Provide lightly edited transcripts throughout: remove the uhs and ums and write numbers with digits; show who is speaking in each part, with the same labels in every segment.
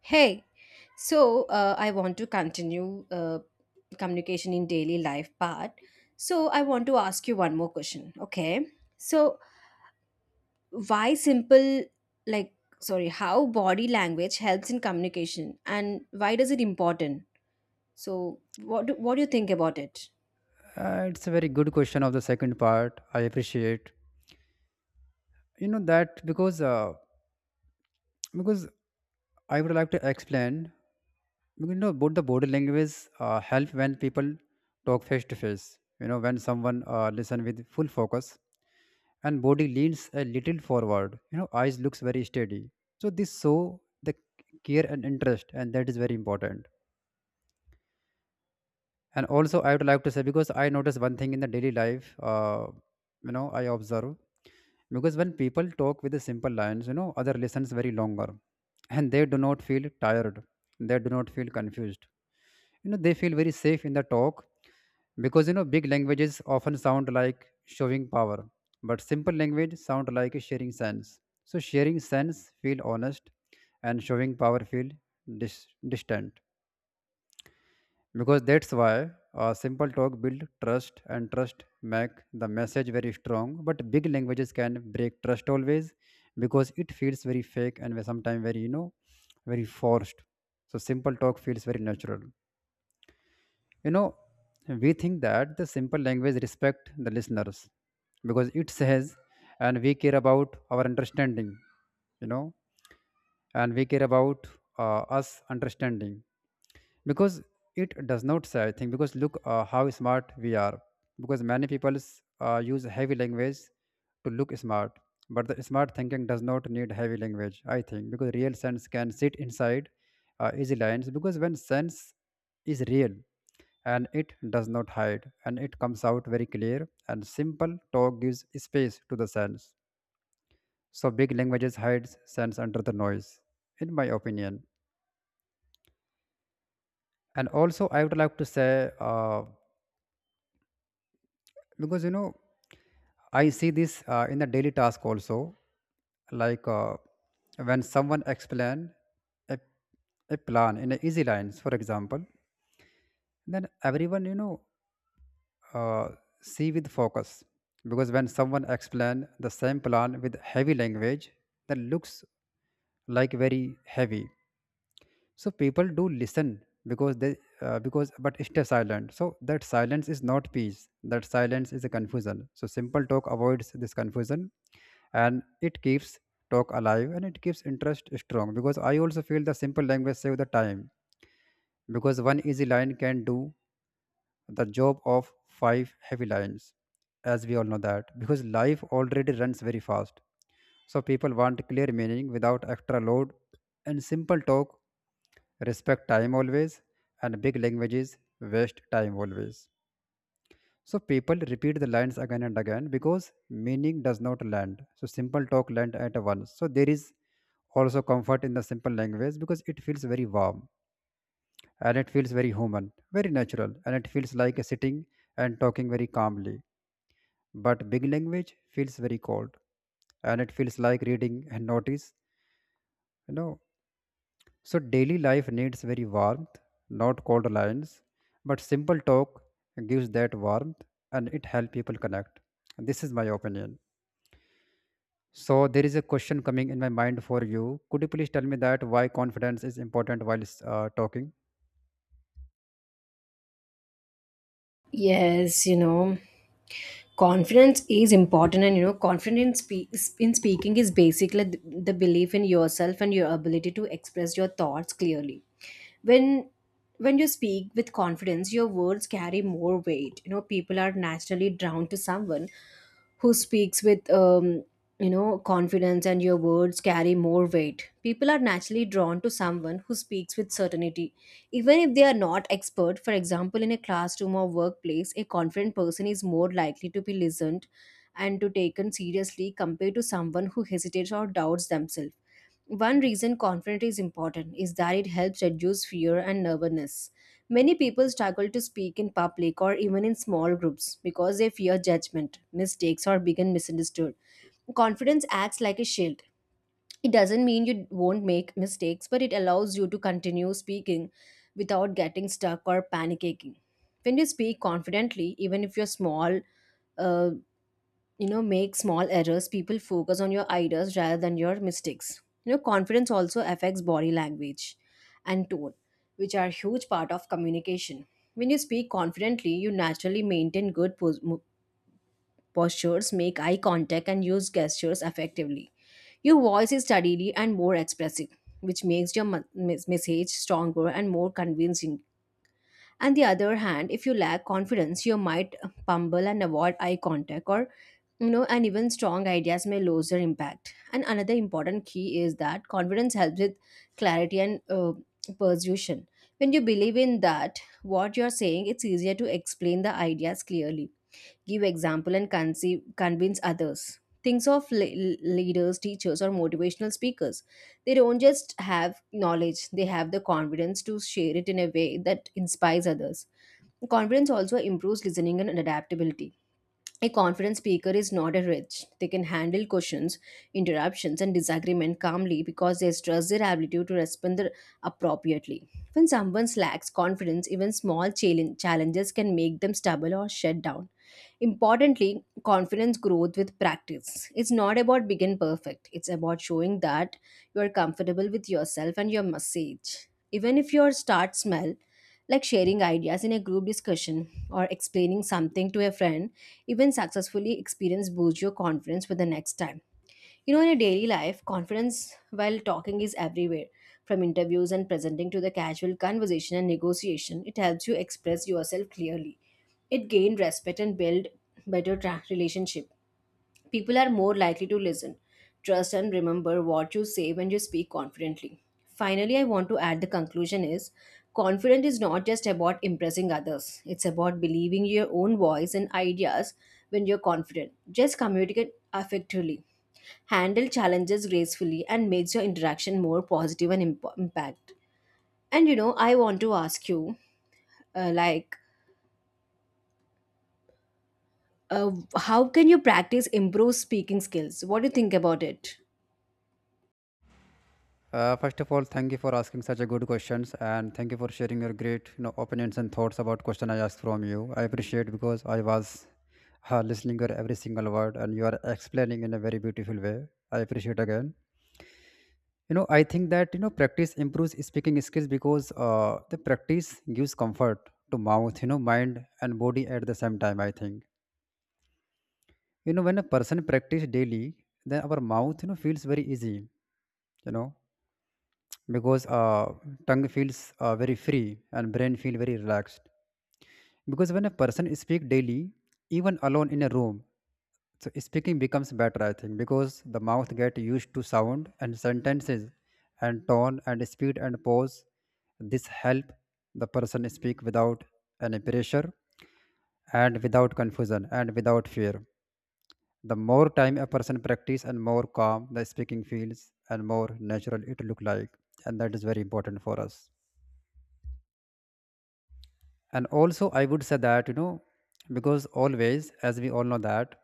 Speaker 1: Hey, I want to continue communication in daily life part. So I want to ask you one more question. Okay. So why simple like sorry, How body language helps in communication and why does it important? So what do you think about it?
Speaker 2: It's a very good question of the second part. I appreciate that because because I would like to explain both the body language help when people talk face to face. When someone listen with full focus and body leans a little forward. Eyes looks very steady. So this show the care and interest, and that is very important. And also I would like to say because I notice one thing in the daily life. uh, I observe because when people talk with the simple lines, other listens very longer, and they do not feel tired, they do not feel confused. They feel very safe in the talk, because big languages often sound like showing power, but simple language sound like a sharing sense. So sharing sense feel honest, and showing power feel dis- distant. Because that's why simple talk build trust, and trust make the message very strong, but big languages can break trust always because it feels very fake and sometimes very, very forced. So simple talk feels very natural. you know we think that the simple language respect the listeners because it says, and we care about our understanding, you know and we care about us understanding, because it does not say anything. Because look, how smart we are. Because many people use heavy language to look smart, but the smart thinking does not need heavy language, I think, because real sense can sit inside easy lines. Because when sense is real, and it does not hide, and it comes out very clear, and simple talk gives space to the sense. So big languages hides sense under the noise, in my opinion. And also I would like to say, because you know I see this in the daily task also, like, when someone explain a, a plan in a easy lines, for example, then everyone, uh, see with focus. Because when someone explain the same plan with heavy language, that looks like very heavy. So people do listen, because they because but stay silent. So that silence is not peace. That silence is a confusion. So simple talk avoids this confusion, and it keeps talk alive, and it keeps interest strong. Because I also feel the simple language save the time, because one easy line can do the job of five heavy lines, as we all know that, because life already runs very fast, so people want clear meaning without extra load. And simple talk respect time always, and big languages waste time always. So people repeat the lines again and again because meaning does not land. So simple talk land at once. So there is also comfort in the simple language because it feels very warm, and it feels very human, very natural, and it feels like sitting and talking very calmly. But big language feels very cold, and it feels like reading and notice. You know, so daily life needs very warmth, not cold lines. But simple talk gives that warmth, and it helps people connect. This is my opinion. So there is a question coming in my mind for you. Could you please tell me that why confidence is important while talking?
Speaker 1: Yes, you know, confidence is important, and you know, in speaking is basically the belief in yourself and your ability to express your thoughts clearly. When when you speak with confidence, your words carry more weight. You know, people are naturally drawn to someone who speaks with you know, confidence, and your words carry more weight. People are naturally drawn to someone who speaks with certainty, even if they are not expert. For example, in a classroom or workplace, a confident person is more likely to be listened and to taken seriously compared to someone who hesitates or doubts themselves. One reason confidence is important is that it helps reduce fear and nervousness. Many people struggle to speak in public or even in small groups because they fear judgment, mistakes, or being misunderstood. Confidence acts like a shield. It doesn't mean you won't make mistakes, but it allows you to continue speaking without getting stuck or panicking. When you speak confidently, even if you're small, uh, you know, make small errors, people focus on your ideas rather than your mistakes. You know, confidence also affects body language and tone, which are huge part of communication. When you speak confidently, you naturally maintain good postures, make eye contact, and use gestures effectively. Your voice is steadily and more expressive, which makes your message stronger and more convincing. On the other hand, if you lack confidence, you might fumble and avoid eye contact, or you know, and even strong ideas may lose their impact. And another important key is that confidence helps with clarity and persuasion. When you believe in that what you're saying, it's easier to explain the ideas clearly, give example, and convince others. Things of leaders, teachers, or motivational speakers, they don't just have knowledge, they have the confidence to share it in a way that inspires others. Confidence also improves listening and adaptability. A confident speaker is not a rich. They can handle questions, interruptions, and disagreement calmly because they trust their ability to respond appropriately. When someone lacks confidence, even challenges can make them stubble or shut down. Importantly, confidence grows with practice. It's not about being perfect, it's about showing that you are comfortable with yourself and your message. Even if your start smell, like sharing ideas in a group discussion or explaining something to a friend, even successfully experience boost your confidence for the next time. You know, in a daily life, confidence while talking is everywhere. From interviews and presenting to the casual conversation and negotiation, it helps you express yourself clearly. It gain respect and build better relationship. People are more likely to listen, trust, and remember what you say when you speak confidently. Finally, I want to add the conclusion is, confidence is not just about impressing others, it's about believing your own voice and ideas when you're confident. Just communicate effectively, handle challenges gracefully, and makes your interaction more positive and impact. And you know, I want to ask you, uh, like, uh, how can you practice improve speaking skills? What do you think about it?
Speaker 2: First of all, thank you for asking such a good questions, and thank you for sharing your great, opinions and thoughts about question I asked from you. I appreciate because I was listening your every single word, and you are explaining in a very beautiful way. I appreciate again. I think that practice improves speaking skills, because the practice gives comfort to mouth, mind and body at the same time, I think. When a person practice daily, then our mouth, feels very easy, you know, because tongue feels very free, and brain feel very relaxed. Because when a person speak daily, even alone in a room, so speaking becomes better, I think, because the mouth get used to sound and sentences and tone and speed and pause. This help the person speak without any pressure and without confusion and without fear. The more time a person practice, and more calm the speaking feels, and more natural it look like. And that is very important for us. And also I would say that, because always, as we all know that,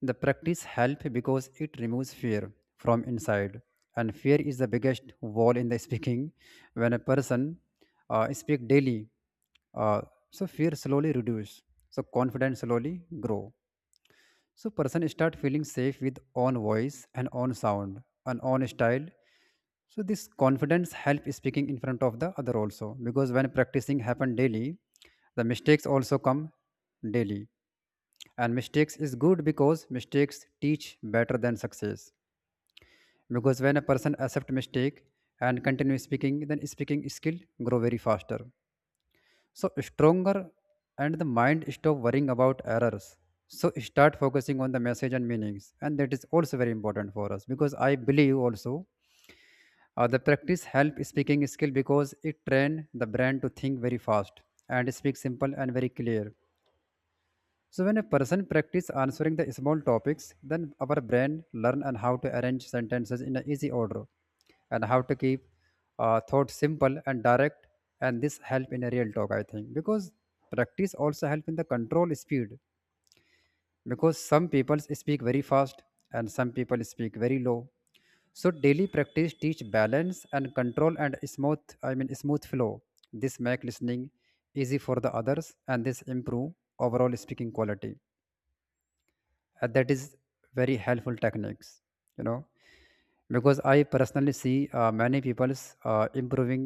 Speaker 2: the practice help because it removes fear from inside. And fear is the biggest wall in the speaking. When a person speak daily, uh, so fear slowly reduce. So confidence slowly grow. So person start feeling safe with own voice and own sound and own style. So this confidence help speaking in front of the other also, because when practicing happen daily, the mistakes also come daily. And mistakes is good because mistakes teach better than success. Because when a person accept mistake and continue speaking, then speaking skill grow very faster, so stronger, and the mind stop worrying about errors, so start focusing on the message and meanings. And that is also very important for us. Because I believe also the practice help speaking skill because it train the brain to think very fast and speak simple and very clear. So when a person practice answering the small topics, then our brain learn and how to arrange sentences in an easy order, and how to keep thought simple and direct, and this help in a real talk, I think. Because practice also help in the control speed, because some people speak very fast and some people speak very low, so daily practice teach balance and control and smooth, I mean smooth flow. This make listening easy for the others, and this improve overall speaking quality. That is very helpful techniques, you know because I personally see many people improving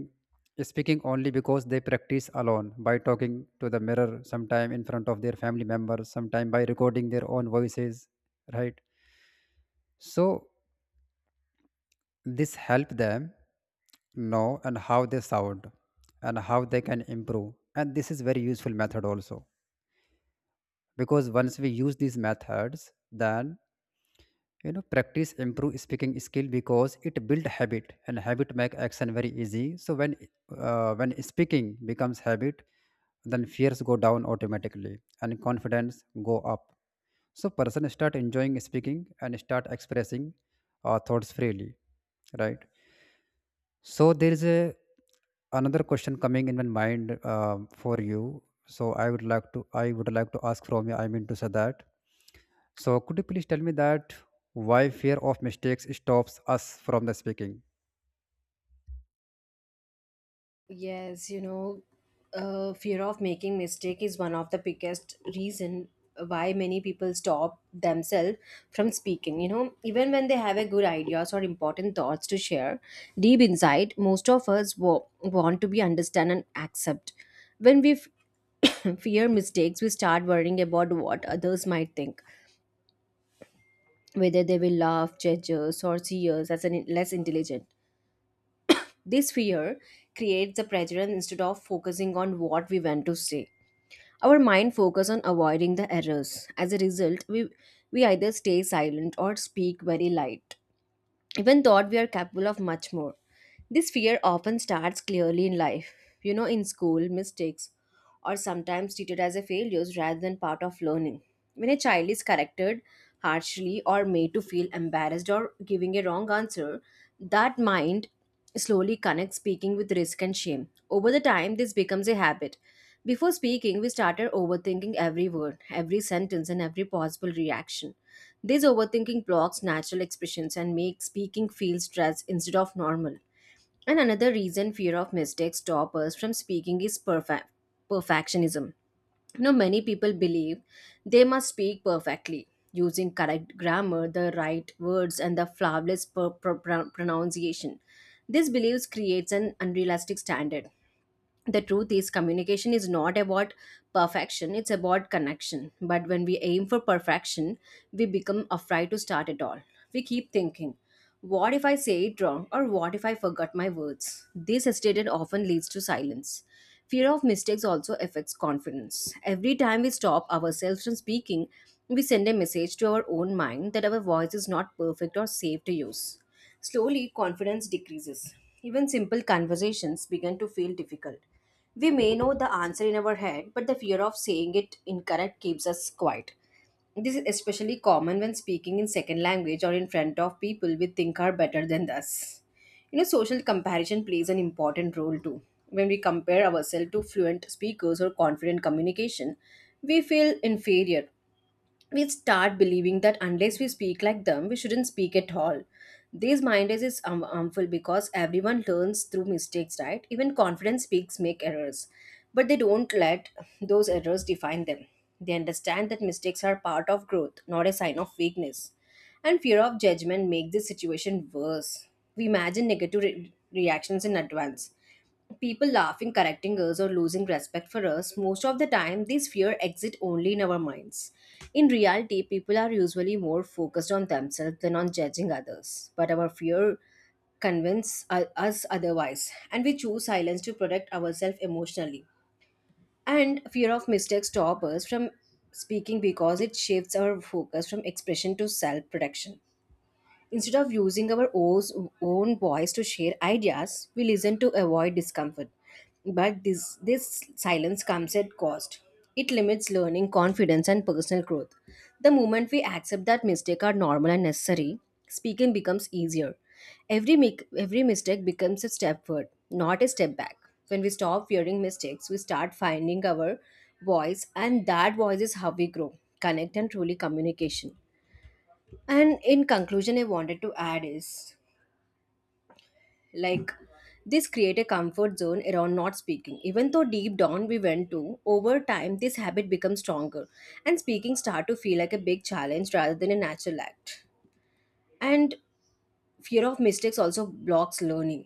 Speaker 2: speaking only because they practice alone by talking to the mirror sometime, in front of their family members sometime, by recording their own voices, right? So this help them know and how they sound and how they can improve, and this is very useful method also. Because once we use these methods, then practice improve speaking skill because it build habit, and habit make action very easy. So when when speaking becomes habit, then fears go down automatically, and confidence go up. So person start enjoying speaking and start expressing thoughts freely, right? So there is a another question coming in my mind for you. So I would like to ask from you, I mean to say that, so, could you please tell me that why fear of mistakes stops us from the speaking?
Speaker 1: Yes, you know, fear of making mistake is one of the biggest reason why many people stop themselves from speaking. You know, even when they have a good ideas or important thoughts to share, deep inside, most of us want to be understand and accept. When we fear mistakes, we start worrying about what others might think, whether they will laugh, judge us, or see us as an less intelligent. This fear creates the prejudice. Instead of focusing on what we want to say, our mind focuses on avoiding the errors. As a result, we either stay silent or speak very light, even thought we are capable of much more. This fear often starts clearly in life, you know, in school, mistakes, or sometimes treated as a failures rather than part of learning. When a child is corrected harshly or made to feel embarrassed or giving a wrong answer, that mind slowly connects speaking with risk and shame. Over the time, this becomes a habit. Before speaking, we started overthinking every word, every sentence, and every possible reaction. This overthinking blocks natural expressions and makes speaking feel stressed instead of normal. And another reason fear of mistakes stop us from speaking is perfectionism. You know, many people believe they must speak perfectly, using correct grammar, the right words, and the flawless pronunciation. This beliefs creates an unrealistic standard. The truth is, communication is not about perfection, it's about connection. But when we aim for perfection, we become afraid to start at all. We keep thinking, what if I say it wrong, or what if I forgot my words? This hesitation often leads to silence. Fear of mistakes also affects confidence. Every time we stop ourselves from speaking, we send a message to our own mind that our voice is not perfect or safe to use. Slowly, confidence decreases. Even simple conversations begin to feel difficult. We may know the answer in our head, but the fear of saying it incorrect keeps us quiet. This is especially common when speaking in second language or in front of people we think are better than us. You know, social comparison plays an important role too. When we compare ourselves to fluent speakers or confident communication, we feel inferior. We start believing that unless we speak like them, we shouldn't speak at all. These minders is harmful because everyone learns through mistakes, right? Even confident speaks make errors, but they don't let those errors define them. They understand that mistakes are part of growth, not a sign of weakness. And fear of judgment make this situation worse. We imagine negative reactions in advance, people laughing, correcting us, or losing respect for us. Most of the time, these fear exit only in our minds. In reality, people are usually more focused on themselves than on judging others. But our fear convince us otherwise, and we choose silence to protect ourselves emotionally. And fear of mistakes stop us from speaking because it shifts our focus from expression to self protection. Instead of using our own voice to share ideas, we listen to avoid discomfort. But this silence comes at cost. It limits learning, confidence, and personal growth. The moment we accept that mistakes are normal and necessary, speaking becomes easier. Every mistake becomes a step forward, not a step back. When we stop fearing mistakes, we start finding our voice, and that voice is how we grow, connect, and truly communication. And in conclusion, I wanted to add is, like, this create a comfort zone around not speaking. Even though deep down we went to, over time this habit becomes stronger and speaking start to feel like a big challenge rather than a natural act. And fear of mistakes also blocks learning.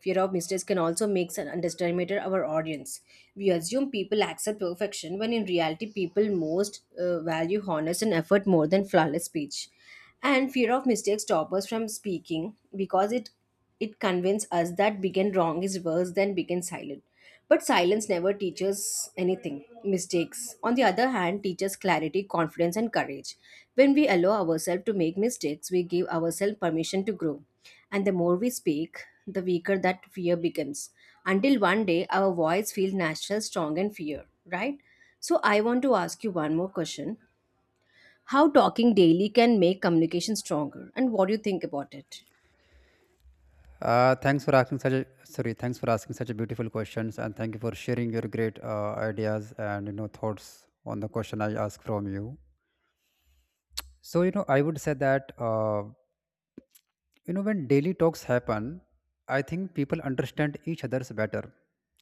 Speaker 1: Fear of mistakes can also make an underestimated our audience. We assume people accept perfection when in reality people most value honest and effort more than flawless speech. And fear of mistakes stop us from speaking because it convinces us that begin wrong is worse than begin silent. But silence never teaches anything. Mistakes, on the other hand, teaches clarity, confidence, and courage. When we allow ourselves to make mistakes, we give ourselves permission to grow. And the more we speak, the weaker that fear becomes. Until one day, our voice feels natural, strong, and fear, right? So, I want to ask you one more question. How talking daily can make communication stronger? And what do you think about it?
Speaker 2: Thanks for asking such a sorry. Thanks for asking such a beautiful questions, and thank you for sharing your great ideas and thoughts on the question I asked from you. So I would say that when daily talks happen, I think people understand each other's better.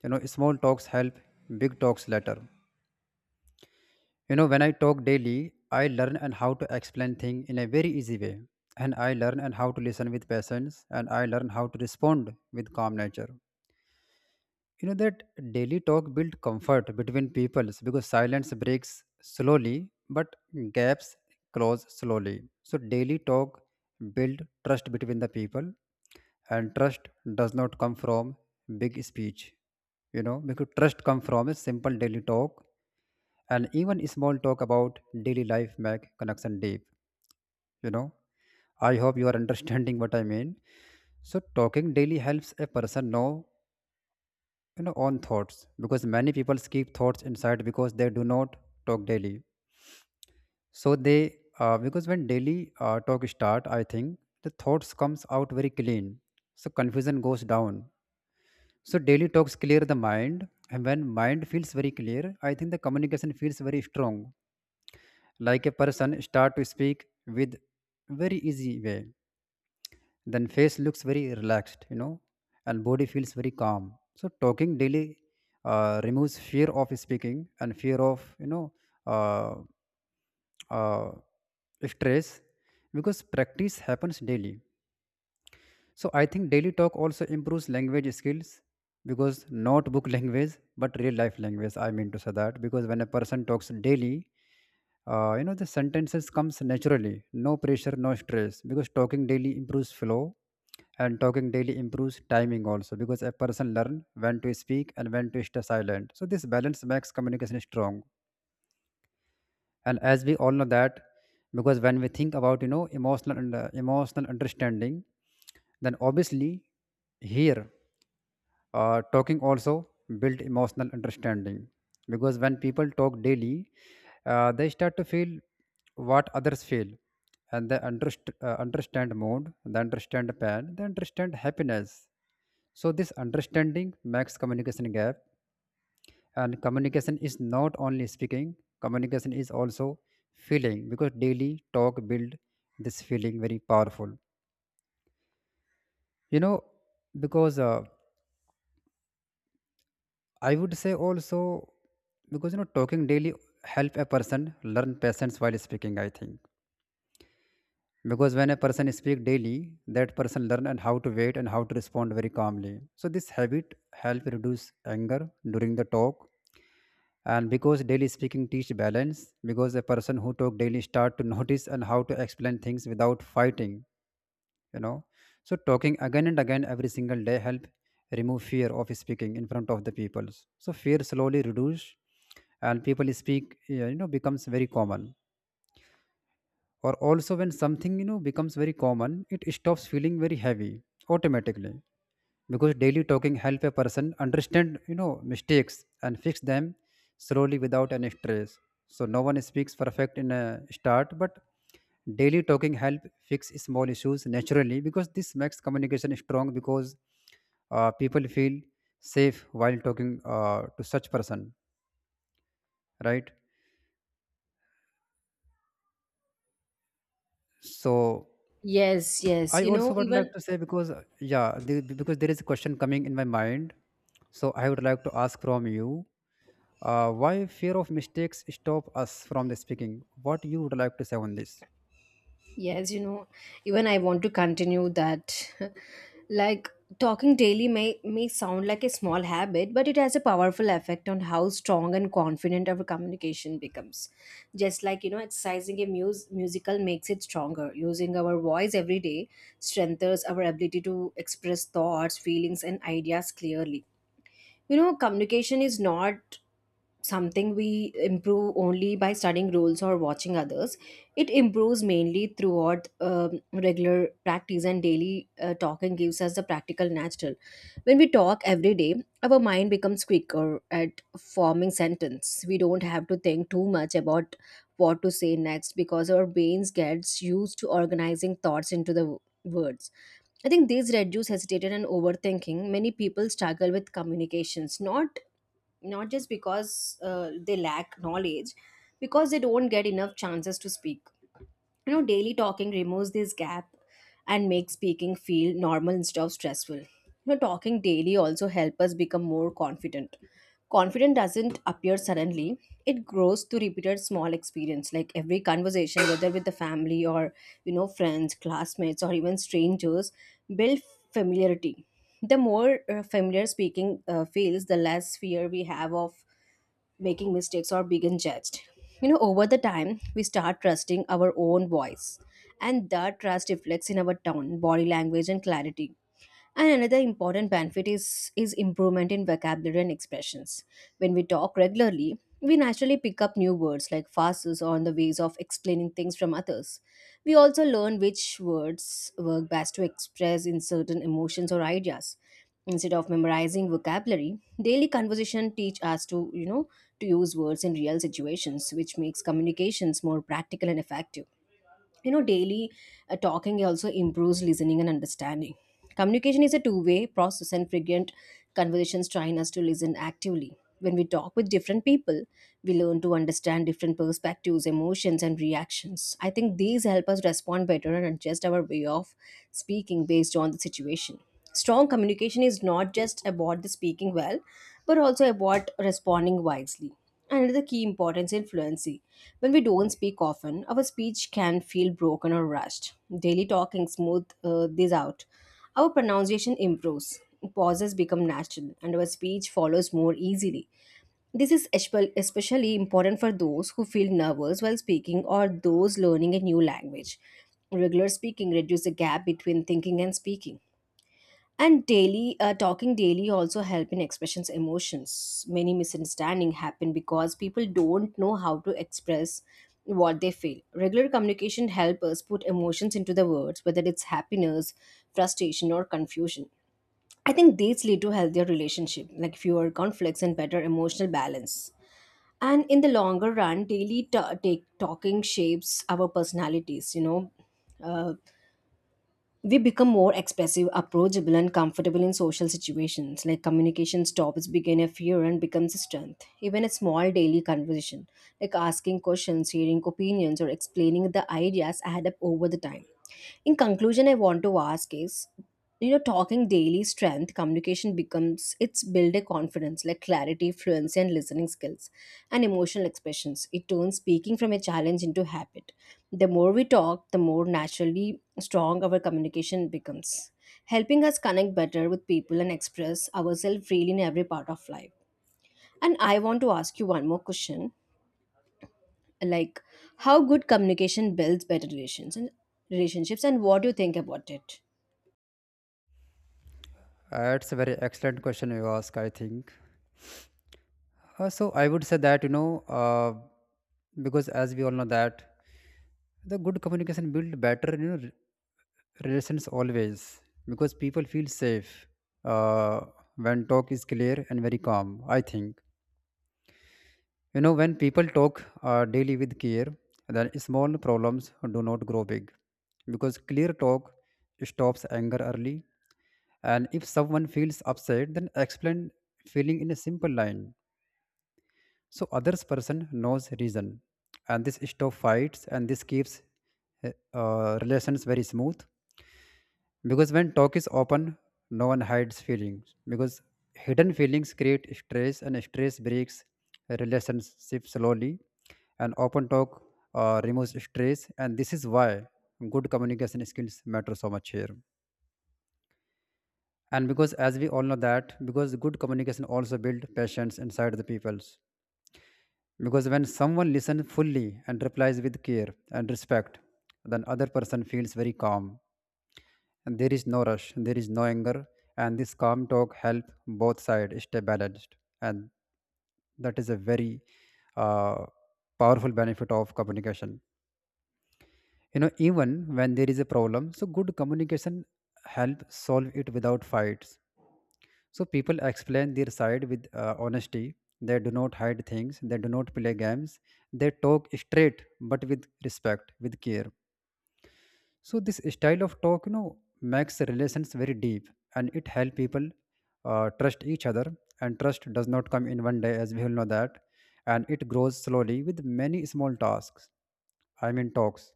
Speaker 2: Small talks help, big talks later. When I talk daily, I learn and how to explain things in a very easy way. And I learn and how to listen with patience, and I learn how to respond with calm nature. That daily talk build comfort between peoples, because silence breaks slowly, but gaps close slowly. So daily talk build trust between the people, and trust does not come from big speech, because trust come from a simple daily talk, and even small talk about daily life make connection deep. you know I hope you are understanding what I mean. So talking daily helps a person know own thoughts, because many people keep thoughts inside because they do not talk daily. So they because when daily talk start, I think the thoughts comes out very clean. So confusion goes down. So daily talks clear the mind, and when mind feels very clear, I think the communication feels very strong. Like a person start to speak with very easy way, then face looks very relaxed, and body feels very calm. So talking daily removes fear of speaking, and fear of, uh, uh, stress, because practice happens daily. So I think daily talk also improves language skills, because not book language, but real life language. I mean to say that because when a person talks daily, you know the sentences comes naturally, no pressure, no stress. Because talking daily improves flow, and talking daily improves timing also, because a person learn when to speak and when to stay silent. So this balance makes communication strong, and as we all know that, because when we think about, you know, emotional and, emotional understanding, then obviously here, talking also build emotional understanding. Because when people talk daily, they start to feel what others feel, and they understand mood, they understand pain, they understand happiness. So this understanding makes communication gap, and communication is not only speaking, communication is also feeling, because daily talk build this feeling very powerful, you know. Because I would say also, because you know talking daily help a person learn patience while speaking, I think. Because when a person speak daily, that person learn and how to wait and how to respond very calmly. So this habit help reduce anger during the talk. And because daily speaking teach balance, because a person who talk daily start to notice and how to explain things without fighting, you know. So talking again and again every single day help remove fear of speaking in front of the peoples, so fear slowly reduce. And people speak, yeah, you know becomes very common. Or also when something you know becomes very common, it stops feeling very heavy automatically. Because daily talking help a person understand you know mistakes and fix them slowly without any stress. So no one speaks perfect in a start, but daily talking help fix small issues naturally, because this makes communication strong. Because people feel safe while talking to such person, right. So
Speaker 1: Yes,
Speaker 2: I
Speaker 1: yes. You know,
Speaker 2: also would like
Speaker 1: even
Speaker 2: to say, because because there is a question coming in my mind, so I would like to ask from you. Why fear of mistakes stop us from the speaking? What you would like to say on this?
Speaker 1: Yes, you know, even I want to continue that. Like, talking daily may sound like a small habit, but it has a powerful effect on how strong and confident our communication becomes. Just like, you know, exercising a musical makes it stronger. Using our voice every day strengthens our ability to express thoughts, feelings, and ideas clearly. You know, communication is not something we improve only by studying rules or watching others. It improves mainly throughout regular practice, and daily talking gives us the practical natural. When we talk every day, our mind becomes quicker at forming sentence. We don't have to think too much about what to say next because our brains gets used to organizing thoughts into the words. I think these reduce hesitation and overthinking. Many people struggle with communications, not just because they lack knowledge because they don't get enough chances to speak. You know, daily talking removes this gap and makes speaking feel normal instead of stressful. You know, talking daily also help us become more confident. Confidence doesn't appear suddenly, it grows through repeated small experience. Like every conversation, whether with the family or, you know, friends, classmates, or even strangers, build familiarity. The more familiar speaking feels, the less fear we have of making mistakes or being judged. You know, over the time, we start trusting our own voice, and that trust reflects in our tone, body language, and clarity. And another important benefit is improvement in vocabulary and expressions. When we talk regularly, we naturally pick up new words like phrases or the ways of explaining things from others. We also learn which words work best to express in certain emotions or ideas. Instead of memorizing vocabulary, daily conversation teach us to, you know, to use words in real situations, which makes communications more practical and effective. You know, daily talking also improves listening and understanding. Communication is a two-way process, and frequent conversations train us to listen actively. When we talk with different people, we learn to understand different perspectives, emotions, and reactions. I think these help us respond better and adjust our way of speaking based on the situation. Strong communication is not just about the speaking well, but also about responding wisely. Another key importance in fluency. When we don't speak often, our speech can feel broken or rushed. Daily talking smooth this out. Our pronunciation improves, pauses become natural, and our speech follows more easily. This is especially important for those who feel nervous while speaking or those learning a new language. Regular speaking reduces the gap between thinking and speaking. And daily talking daily also help in expressions, emotions. Many misunderstanding happen because people don't know how to express what they feel. Regular communication help us put emotions into the words, whether it's happiness, frustration, or confusion. I think these lead to healthier relationship like fewer conflicts and better emotional balance. And in the longer run, daily ta take talking shapes our personalities. Uh, we become more expressive, approachable, and comfortable in social situations. Like communication stops, begin a fear, and becomes a strength. Even a small daily conversation, like asking questions, hearing opinions, or explaining the ideas, add up over the time. In conclusion, I want to ask is, you know, talking daily strength, communication becomes it's build a confidence like clarity, fluency, and listening skills, and emotional expressions. It turns speaking from a challenge into habit. The more we talk, the more naturally strong our communication becomes, helping us connect better with people and express ourselves freely in every part of life. And I want to ask you one more question, like how good communication builds better relations and relationships, and what do you think about it?
Speaker 2: It's a very excellent question you ask, I think. So I would say that, you know, because as we all know that the good communication build better, you know, relations always, because people feel safe uh, when talk is clear and very calm, I think. You know, when people talk daily with care, then small problems do not grow big, because clear talk stops anger early. And if someone feels upset then explain feeling in a simple line, so others person knows reason, and this stop fights, and this keeps relations very smooth. Because when talk is open, no one hides feelings, because hidden feelings create stress, and stress breaks a relationship slowly. And open talk removes stress, and this is why good communication skills matter so much here. And because as we all know that, because good communication also build patience inside the peoples, because when someone listens fully and replies with care and respect, then other person feels very calm, and there is no rush, there is no anger, and this calm talk help both sides stay balanced. And that is a very uh, powerful benefit of communication, you know. Even when there is a problem, so good communication help solve it without fights. So people explain their side with honesty. They do not hide things, they do not play games. They talk straight, but with respect, with care. So this style of talk, you know, makes relations very deep, and it help people trust each other. And trust does not come in one day, as we all know that, and it grows slowly with many small tasks. I mean talks,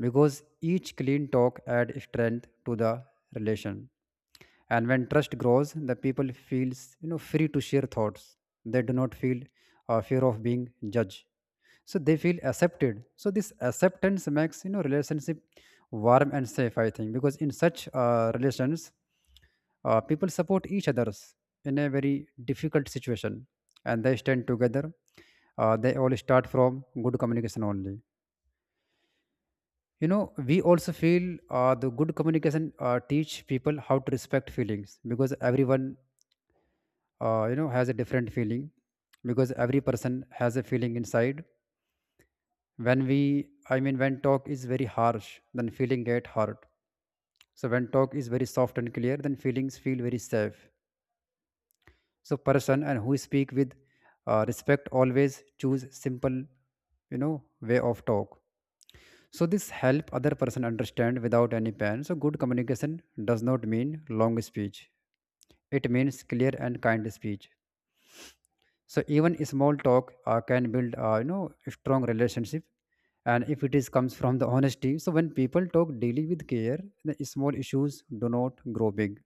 Speaker 2: because each clean talk add strength to the relation. And when trust grows, the people feels, you know, free to share thoughts, they do not feel fear of being judged, so they feel accepted, so this acceptance makes, you know, relationship warm and safe, I think. Because in such relations, people support each others in a very difficult situation, and they stand together. They all start from good communication only, you know. We also feel the good communication teach people how to respect feelings, because everyone, you know, has a different feeling, because every person has a feeling inside. When we, I mean, when talk is very harsh then feeling get hurt, so when talk is very soft and clear then feelings feel very safe. So person and who speak with respect always choose simple, you know, way of talk. So this help other person understand without any pain. So good communication does not mean long speech, it means clear and kind speech. So even small talk can build, you know, a strong relationship, and if it is comes from the honesty. So when people talk daily with care, the small issues do not grow big,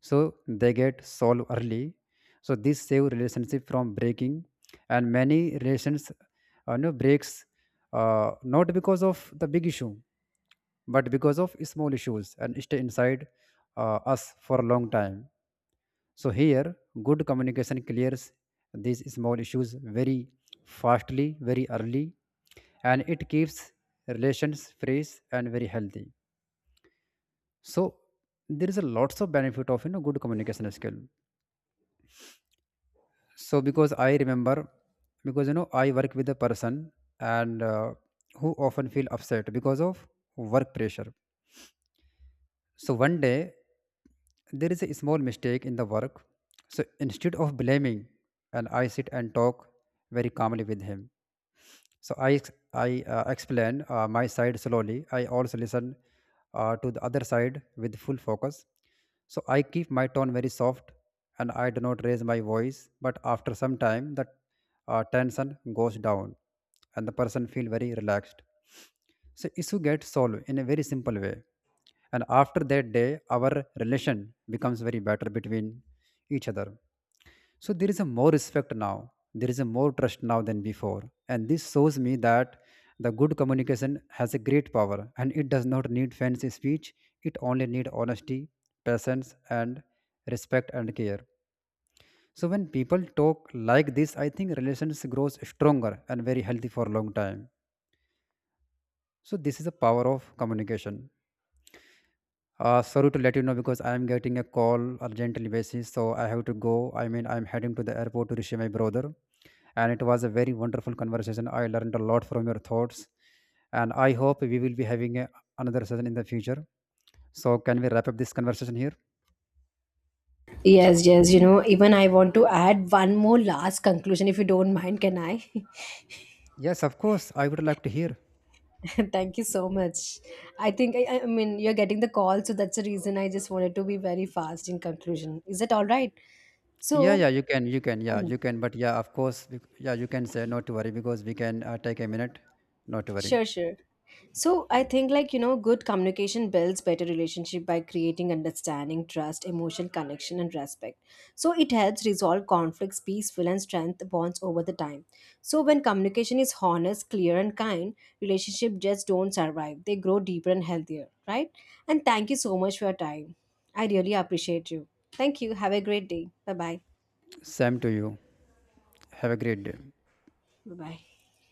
Speaker 2: so they get solved early, so this save relationship from breaking. And many relations, you know, breaks not because of the big issue, but because of small issues and stay inside us for a long time. So here, good communication clears these small issues very fastly, very early, and it keeps relations fresh and very healthy. So there is a lots of benefit of, you know, good communication skill. So because I remember, because you know I work with a person, and who often feel upset because of work pressure. So one day, there is a small mistake in the work. So instead of blaming, and I sit and talk very calmly with him. So I explained my side slowly. I also listen to the other side with full focus. So I keep my tone very soft, and I do not raise my voice. But after some time, the tension goes down, and the person feel very relaxed. So issue gets solved in a very simple way. And after that day, our relation becomes very better between each other. So there is a more respect now, there is a more trust now than before. And this shows me that the good communication has a great power, and it does not need fancy speech. It only needs honesty, patience, and respect and care. So when people talk like this, I think relations grows stronger and very healthy for a long time. So this is the power of communication. Sorry to let you know, because I am getting a call urgently basis, so I have to go. I mean, I'm heading to the airport to receive my brother, and it was a very wonderful conversation. I learned a lot from your thoughts, and I hope we will be having another session in the future. So, can we wrap up this conversation here?
Speaker 1: Yes, yes, you know, even I want to add one more last conclusion if you don't mind, can I?
Speaker 2: Yes, of course. I would like to hear.
Speaker 1: Thank you so much. I think, I mean, you're getting the call, so that's the reason I just wanted to be very fast in conclusion. Is that all right?
Speaker 2: Yeah,
Speaker 1: So,
Speaker 2: yeah, you can, yeah, you can. But yeah, of course, yeah, you can say not to worry, because we can take a minute. Not to worry.
Speaker 1: sure, sure. So I think, like, you know, good communication builds better relationship by creating understanding, trust, emotional connection, and respect. So it helps resolve conflicts, peaceful, and strength bonds over the time. So when communication is honest, clear, and kind, relationship just don't survive. They grow deeper and healthier, right? And thank you so much for your time. I really appreciate you. Thank you. Have a great day. Bye bye.
Speaker 2: Same to you. Have a great day.
Speaker 1: Bye bye.